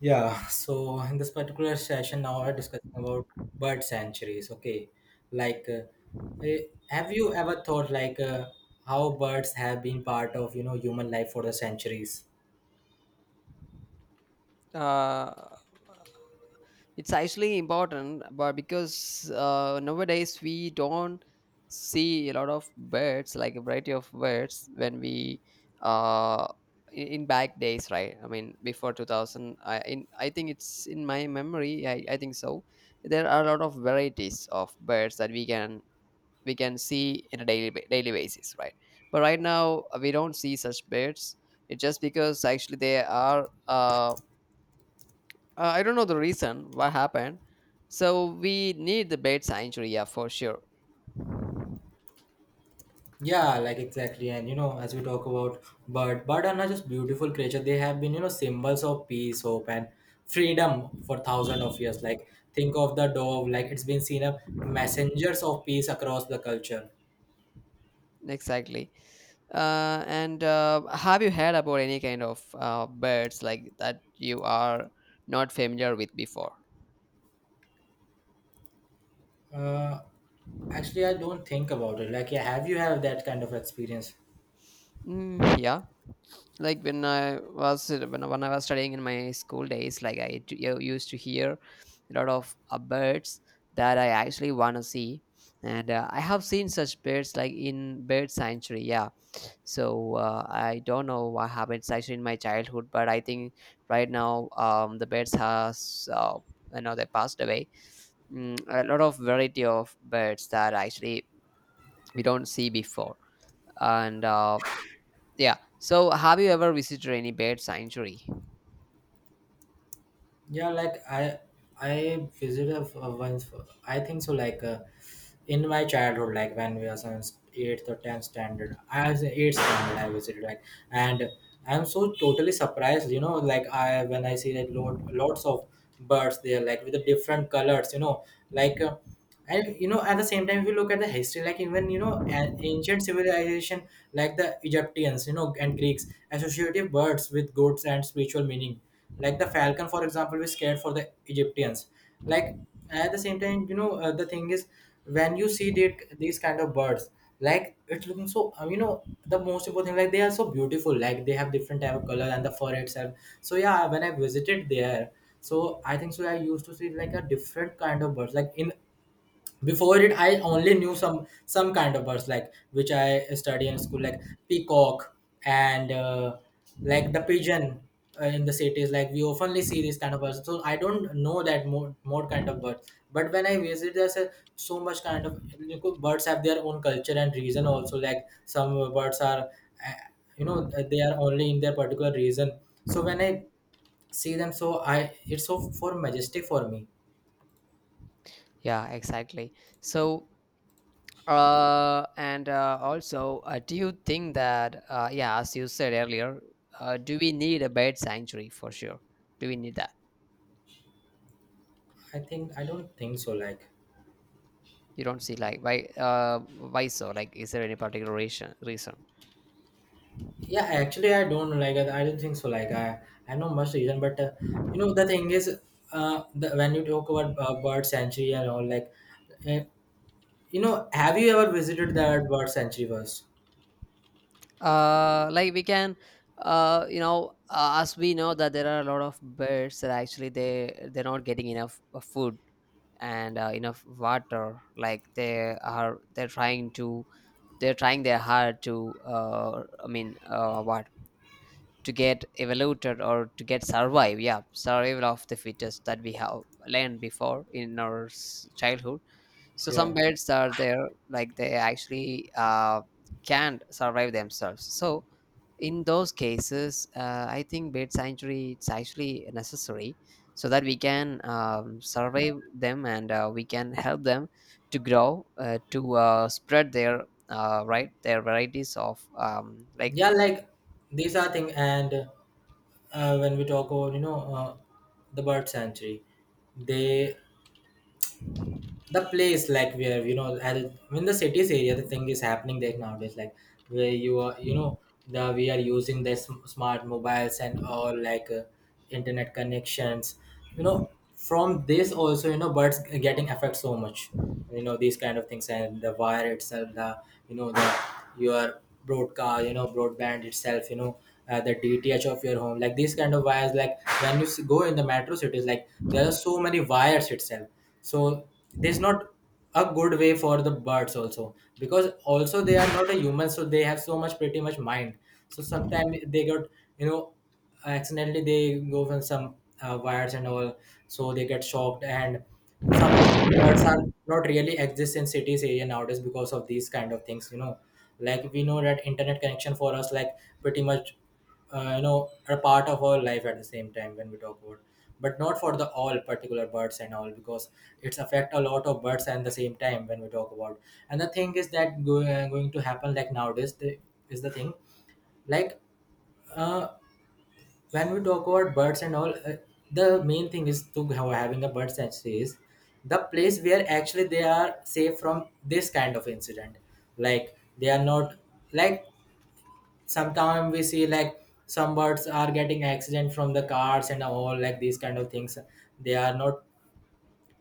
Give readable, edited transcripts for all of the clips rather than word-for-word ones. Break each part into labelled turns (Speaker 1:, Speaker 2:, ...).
Speaker 1: Yeah, so in this particular session, now we're discussing about bird sanctuaries. Okay, like, uh, eh, have you ever thought how birds have been part of you know human life for the centuries?
Speaker 2: uh, it's actually important but because nowadays we don't see a lot of birds, like a variety of birds, when we uh, in back days, right? I mean before 2000. I think it's in my memory. I think so. There are a lot of varieties of birds that we can see in a daily basis, right? But right now, we don't see such birds. It's just because actually they are I don't know the reason what happened. So we need the bait sanctuary, yeah, for sure.
Speaker 1: Yeah, like exactly, and you know, as we talk about bird, are not just beautiful creature; they have been you know symbols of peace, hope, and freedom for thousands of years. Like, think of the dove, like it's been seen as messengers of peace across the culture.
Speaker 2: Exactly. And Have you heard about any kind of birds like that you are not familiar with before?
Speaker 1: Uh, Actually, I don't think about it. Like, yeah, have you have that kind of experience?
Speaker 2: Mm, yeah, like when I was when I was studying in my school days, like I used to hear a lot of birds that I actually want to see, and I have seen such birds like in bird sanctuary. Yeah, so I don't know what happened actually in my childhood, but I think right now the birds has you know, they passed away. Mm, a lot of variety of birds that actually we don't see before. And yeah, so have you ever visited any bird sanctuary?
Speaker 1: Yeah, like I visited a once. I think so. In my childhood, like when we was on eighth or tenth standard, I was in eighth standard. I visited like, and I'm so totally surprised. You know, like I when I see like lots of birds there, like with the different colors. You know, like. And you know at the same time if you look at the history, like even you know an ancient civilization like the Egyptians you know and Greeks associated birds with goats and spiritual meaning, like the falcon for example was scared for the Egyptians. Like at the same time you know, the thing is when you see that these kind of birds, like it's looking so you know the most important thing, like they are so beautiful, like they have different type of color and the fur itself. So yeah, when I visited there, so I think so. I used to see like a different kind of birds. Like in before it, I only knew some kind of birds like which I study in school, like peacock, and like the pigeon. In the cities, like we oftenly see these kind of birds, so I don't know that more kind of birds. But when I visit, there's a, so much kind of you know, birds have their own culture and reason also, like some birds are, uh, you know, they are only in their particular region. So when I see them, so I, it's so for majestic for me.
Speaker 2: Yeah, exactly. So and also, do you think that yeah, as you said earlier, do we need a bird sanctuary for sure? Do we need that?
Speaker 1: I think I don't think so, like.
Speaker 2: You don't see? Like why so? Like, is there any particular reason?
Speaker 1: Yeah, actually, I don't like. I don't think so. Like, I know much reason, but you know the thing is, when you talk about bird sanctuary and all, like, uh, you know, have you ever visited that bird sanctuary first?
Speaker 2: Like we can, as we know that there are a lot of birds that actually they're not getting enough food, and enough water. Like they are, they're trying to, they're trying their hard to what, to get evaluated or to get survive. Yeah, survival of the fittest that we have learned before in our childhood. So
Speaker 1: Yeah,
Speaker 2: some birds are there, like they actually can't survive themselves. So in those cases, I think bird sanctuary, it's actually necessary, so that we can survive them and we can help them to grow, to spread their right, their varieties of like
Speaker 1: yeah, like these are thing, and when we talk about you know, the bird sanctuary, they, the place like where you know at in the cities area, the thing is happening there nowadays, like where you are, you know the, we are using the smart mobiles and all, like internet connections, you know, from this also you know birds getting affect so much, you know these kind of things, and the wire itself, the, you know the, your broadcast, you know broadband itself, you know, the DTH of your home, like these kind of wires, like when you go in the metro cities, like there are so many wires itself. So there's not a good way for the birds also, because also they are not a human, so they have so much pretty much mind. So sometimes they got, you know, accidentally they go from some wires and all, so they get shocked and some of birds are not really exist in cities area nowadays because of these kind of things, you know, like we know that internet connection for us, like pretty much, you know, a part of our life, at the same time when we talk about, but not for the all particular birds and all, because it's affect a lot of birds. And the same time when we talk about, and the thing is that go, going to happen, like nowadays the, is the thing, like, uh, when we talk about birds and all, the main thing is to have, having a bird sanctuary is the place where actually they are safe from this kind of incident. Like they are not, like sometimes we see like some birds are getting accident from the cars and all, like these kind of things. They are not,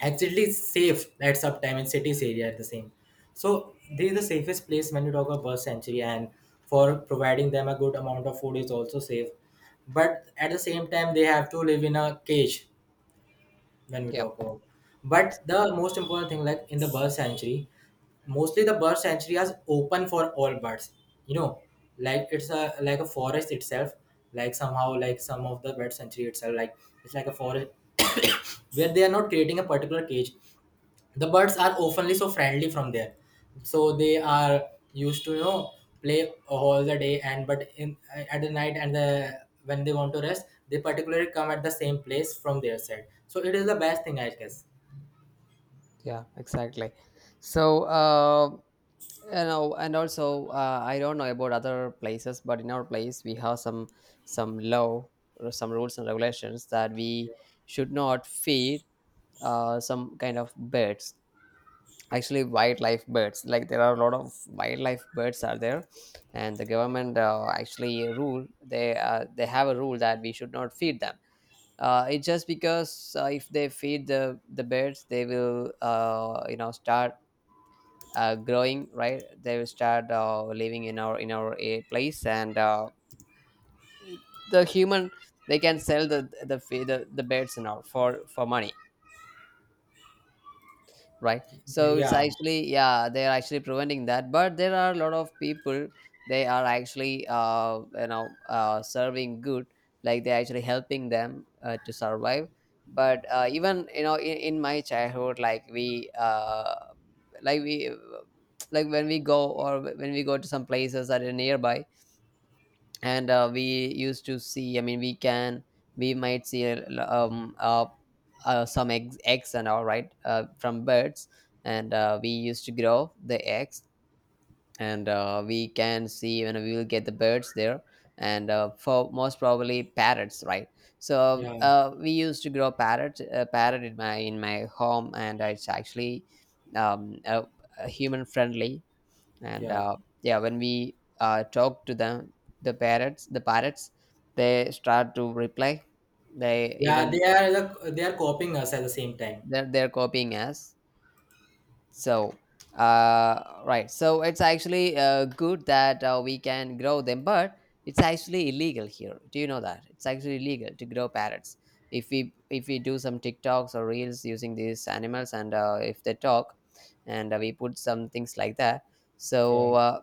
Speaker 1: actually it's safe at some time in cities area at the same. So this is the safest place when you talk about bird sanctuary, and for providing them a good amount of food is also safe, but at the same time they have to live in a cage when we
Speaker 2: yeah,
Speaker 1: talk about. But
Speaker 2: ex-
Speaker 1: the most important thing, like in the bird sanctuary, mostly the bird sanctuary is open for all birds, you know, like it's a like a forest itself, like somehow, like some of the bird sanctuary itself, like it's like a forest where they are not creating a particular cage. The birds are oftenly so friendly from there, so they are used to you know play all the day, and but in at the night and the when they want to rest, they particularly come at the same place from their side, so it is the best thing I guess.
Speaker 2: yeah, exactly. So. You know, and also I don't know about other places, but in our place we have some law or some rules and regulations that we should not feed some kind of birds, actually wildlife birds. Like there are a lot of wildlife birds are there, and the government, actually rule, they have a rule that we should not feed them. It's just because if they feed the birds, they will, you know, start growing, right? They will start living in our, a place, and the human, they can sell the the birds and all for money, right? So it's
Speaker 1: Yeah,
Speaker 2: actually, yeah, they're actually preventing that, but there are a lot of people, they are actually you know, serving good. Like they're actually helping them to survive. But even you know, in my childhood, like we like we like when we go, or when we go to some places that are nearby, and we used to see, I mean we can, we might see some eggs and all, right? From birds, and we used to grow the eggs, and we can see, when we will get the birds there, and for most probably parrots, right? So
Speaker 1: yeah,
Speaker 2: we used to grow parrot in my home, and it's actually um, uh, human friendly, and
Speaker 1: yeah,
Speaker 2: yeah, when we talk to them, the parrots, they start to reply. They
Speaker 1: yeah,
Speaker 2: even,
Speaker 1: they are the, they are copying us at the same time.
Speaker 2: they're copying us. So right, so it's actually good that we can grow them, but it's actually illegal here. Do you know that it's actually illegal to grow parrots? If we, if we do some tiktoks or reels using these animals, and if they talk, and we put some things like that.
Speaker 1: Yeah.
Speaker 2: So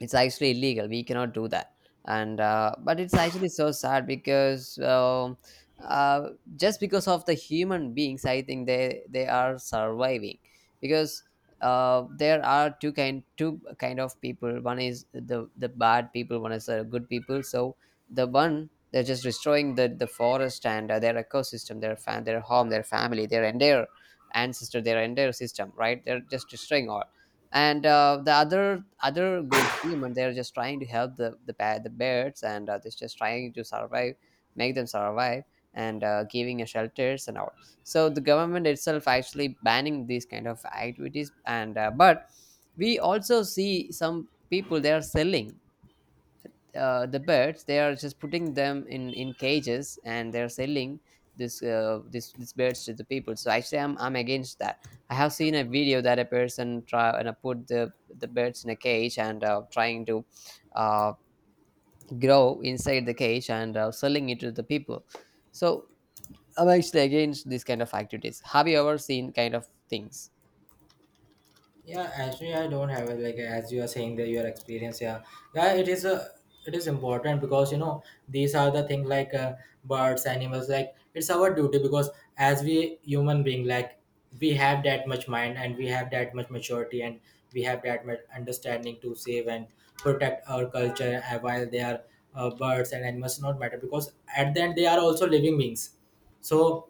Speaker 2: it's actually illegal, we cannot do that. And but it's actually so sad, because uh, just because of the human beings, I think they are surviving, because there are two kind of people. One is the bad people, one is the good people. So the one, they're just destroying the forest, and their ecosystem, their fan, their home, their family, their entire ancestor, their entire system, right? They're just destroying all. And the other good human, they're just trying to help the the birds, and they're just trying to survive, make them survive, and giving a shelters and all. So the government itself actually banning these kind of activities. And but we also see some people, they are selling the birds. They are just putting them in cages and they're selling this this these birds to the people. So actually i'm against that. I have seen a video that a person try, and put the birds in a cage, and trying to uh, grow inside the cage, and selling it to the people. So I'm actually against this kind of activities. Have you ever seen kind of things?
Speaker 1: Yeah, actually, I don't have it. Like as you are saying that your experience, yeah, yeah, it is a, it is important because you know these are the thing like, birds, animals. Like it's our duty because as we human being, like we have that much mind and we have that much maturity and we have that much understanding to save and protect our culture, while they are, birds and animals not matter because at the end they are also living beings. So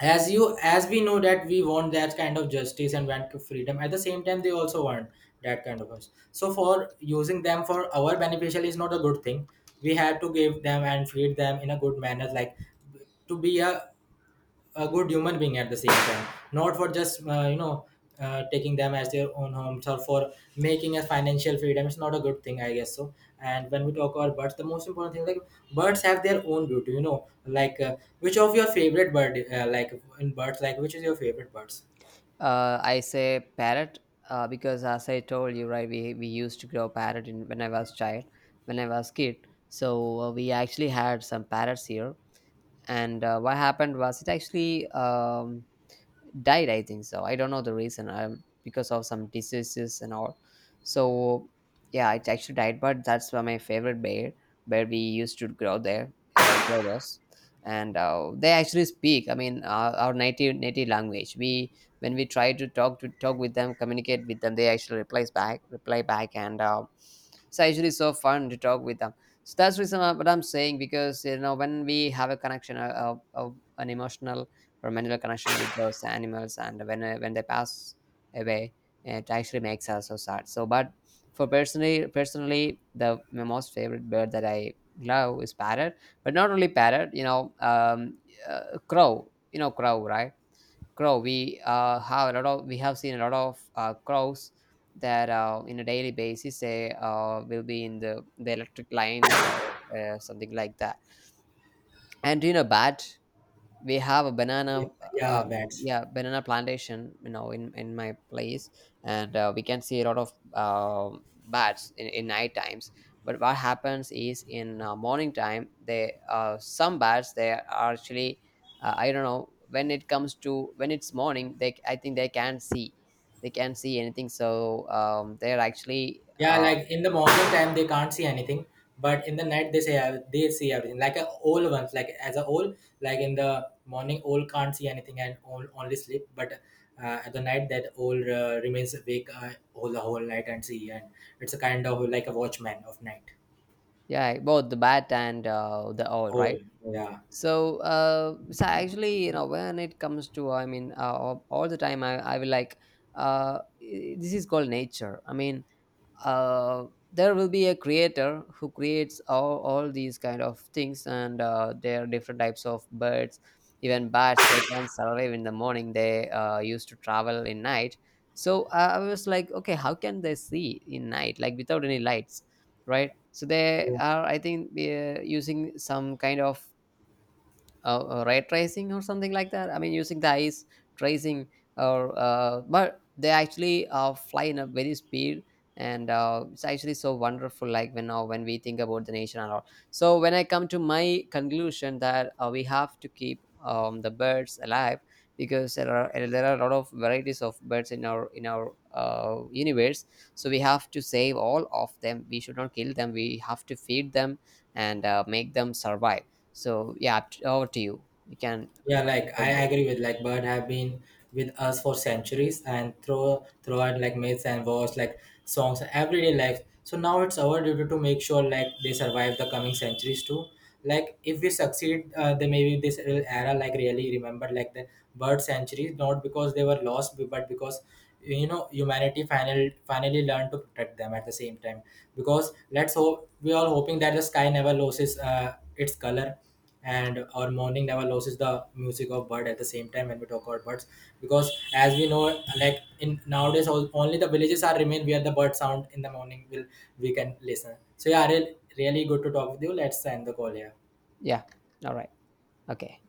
Speaker 1: as you, as we know that we want that kind of justice and want to freedom, at the same time they also want that kind of us, so for using them for our beneficial is not a good thing. We have to give them and feed them in a good manner, like to be a good human being at the same time, not for just you know, taking them as their own homes or for making a financial freedom. It's not a good thing, I guess so. And when we talk about birds, the most important thing, like birds have their own beauty, you know, like which of your favorite bird, like in birds, like which is your favorite birds?
Speaker 2: I say parrot, because, as I told you, right, we used to grow parrot when I was child, when I was kid. So we actually had some parrots here, and what happened was it actually died, I think so. I don't know the reason. Because of some diseases and all. So yeah, it actually died, but that's why my favorite bear, where we used to grow there, grow those and they actually speak, I mean our native language. We, when we try to talk, with them, communicate with them, they actually replies back, reply back, and it's actually so fun to talk with them. So that's reason, what I'm saying, because you know, when we have a connection, uh, uh, an emotional romantic connection with those animals, and when they pass away, it actually makes us so sad. So but for personally, the my most favorite bird that I love is parrot. But not only parrot, you know, crow. You know crow, right? Crow, we have a lot of, we have seen a lot of crows that in a daily basis, they will be in the electric lines or something like that. And you know, bat, we have a
Speaker 1: Yeah,
Speaker 2: banana,
Speaker 1: yeah,
Speaker 2: uh,
Speaker 1: bats.
Speaker 2: yeah, banana plantation, you know, in my place. And we can see a lot of bats in night times. But what happens is, in morning time, they some bats, they are actually I don't know, when it comes to, when it's morning, they, I think they can't see, they can't see anything. So they're actually
Speaker 1: Yeah, like in the morning time they can't see anything, but in the night they say they see everything. Like a owl ones, like as a owl, like in the morning owl can't see anything and owl only sleep, but at the night that owl remains awake all the whole night and see, and it's a kind of like a watchman of night.
Speaker 2: yeah, both the bat and the owl,
Speaker 1: Owl,
Speaker 2: right?
Speaker 1: yeah.
Speaker 2: So so actually, you know, when it comes to, I mean all the time I will like this is called nature, I mean uh there will be a creator who creates all these kind of things. And there are different types of birds. Even bats, they can survive in the morning. They used to travel in night. So I was like, okay, how can they see in night, like without any lights, right? So they are, I think, using some kind of ray tracing or something like that. I mean, using the eyes tracing, or but they actually fly in a very speed, and it's actually so wonderful. Like when now when we think about the nature and all. So when I come to my conclusion that we have to keep the birds alive, because there are, there are a lot of varieties of birds in our, in our universe. So we have to save all of them. We should not kill them. We have to feed them, and make them survive. So yeah, over to you. You can.
Speaker 1: Yeah, like I agree with, like bird have been with us for centuries and throw throughout, like myths and wars, like songs, everyday life. So now it's our duty to make sure like they survive the coming centuries too. Like if we succeed, then maybe this real era like really remember like the bird centuries, not because they were lost, but because you know humanity finally learned to protect them at the same time. Because let's hope we are hoping that the sky never loses its color and our morning never loses the music of bird at the same time when we talk about birds, because as we know like in nowadays all, only the villages are remain where the bird sound in the morning will we can listen. So yeah, really good to talk with you. Let's end the call here.
Speaker 2: Yeah. All right. Okay.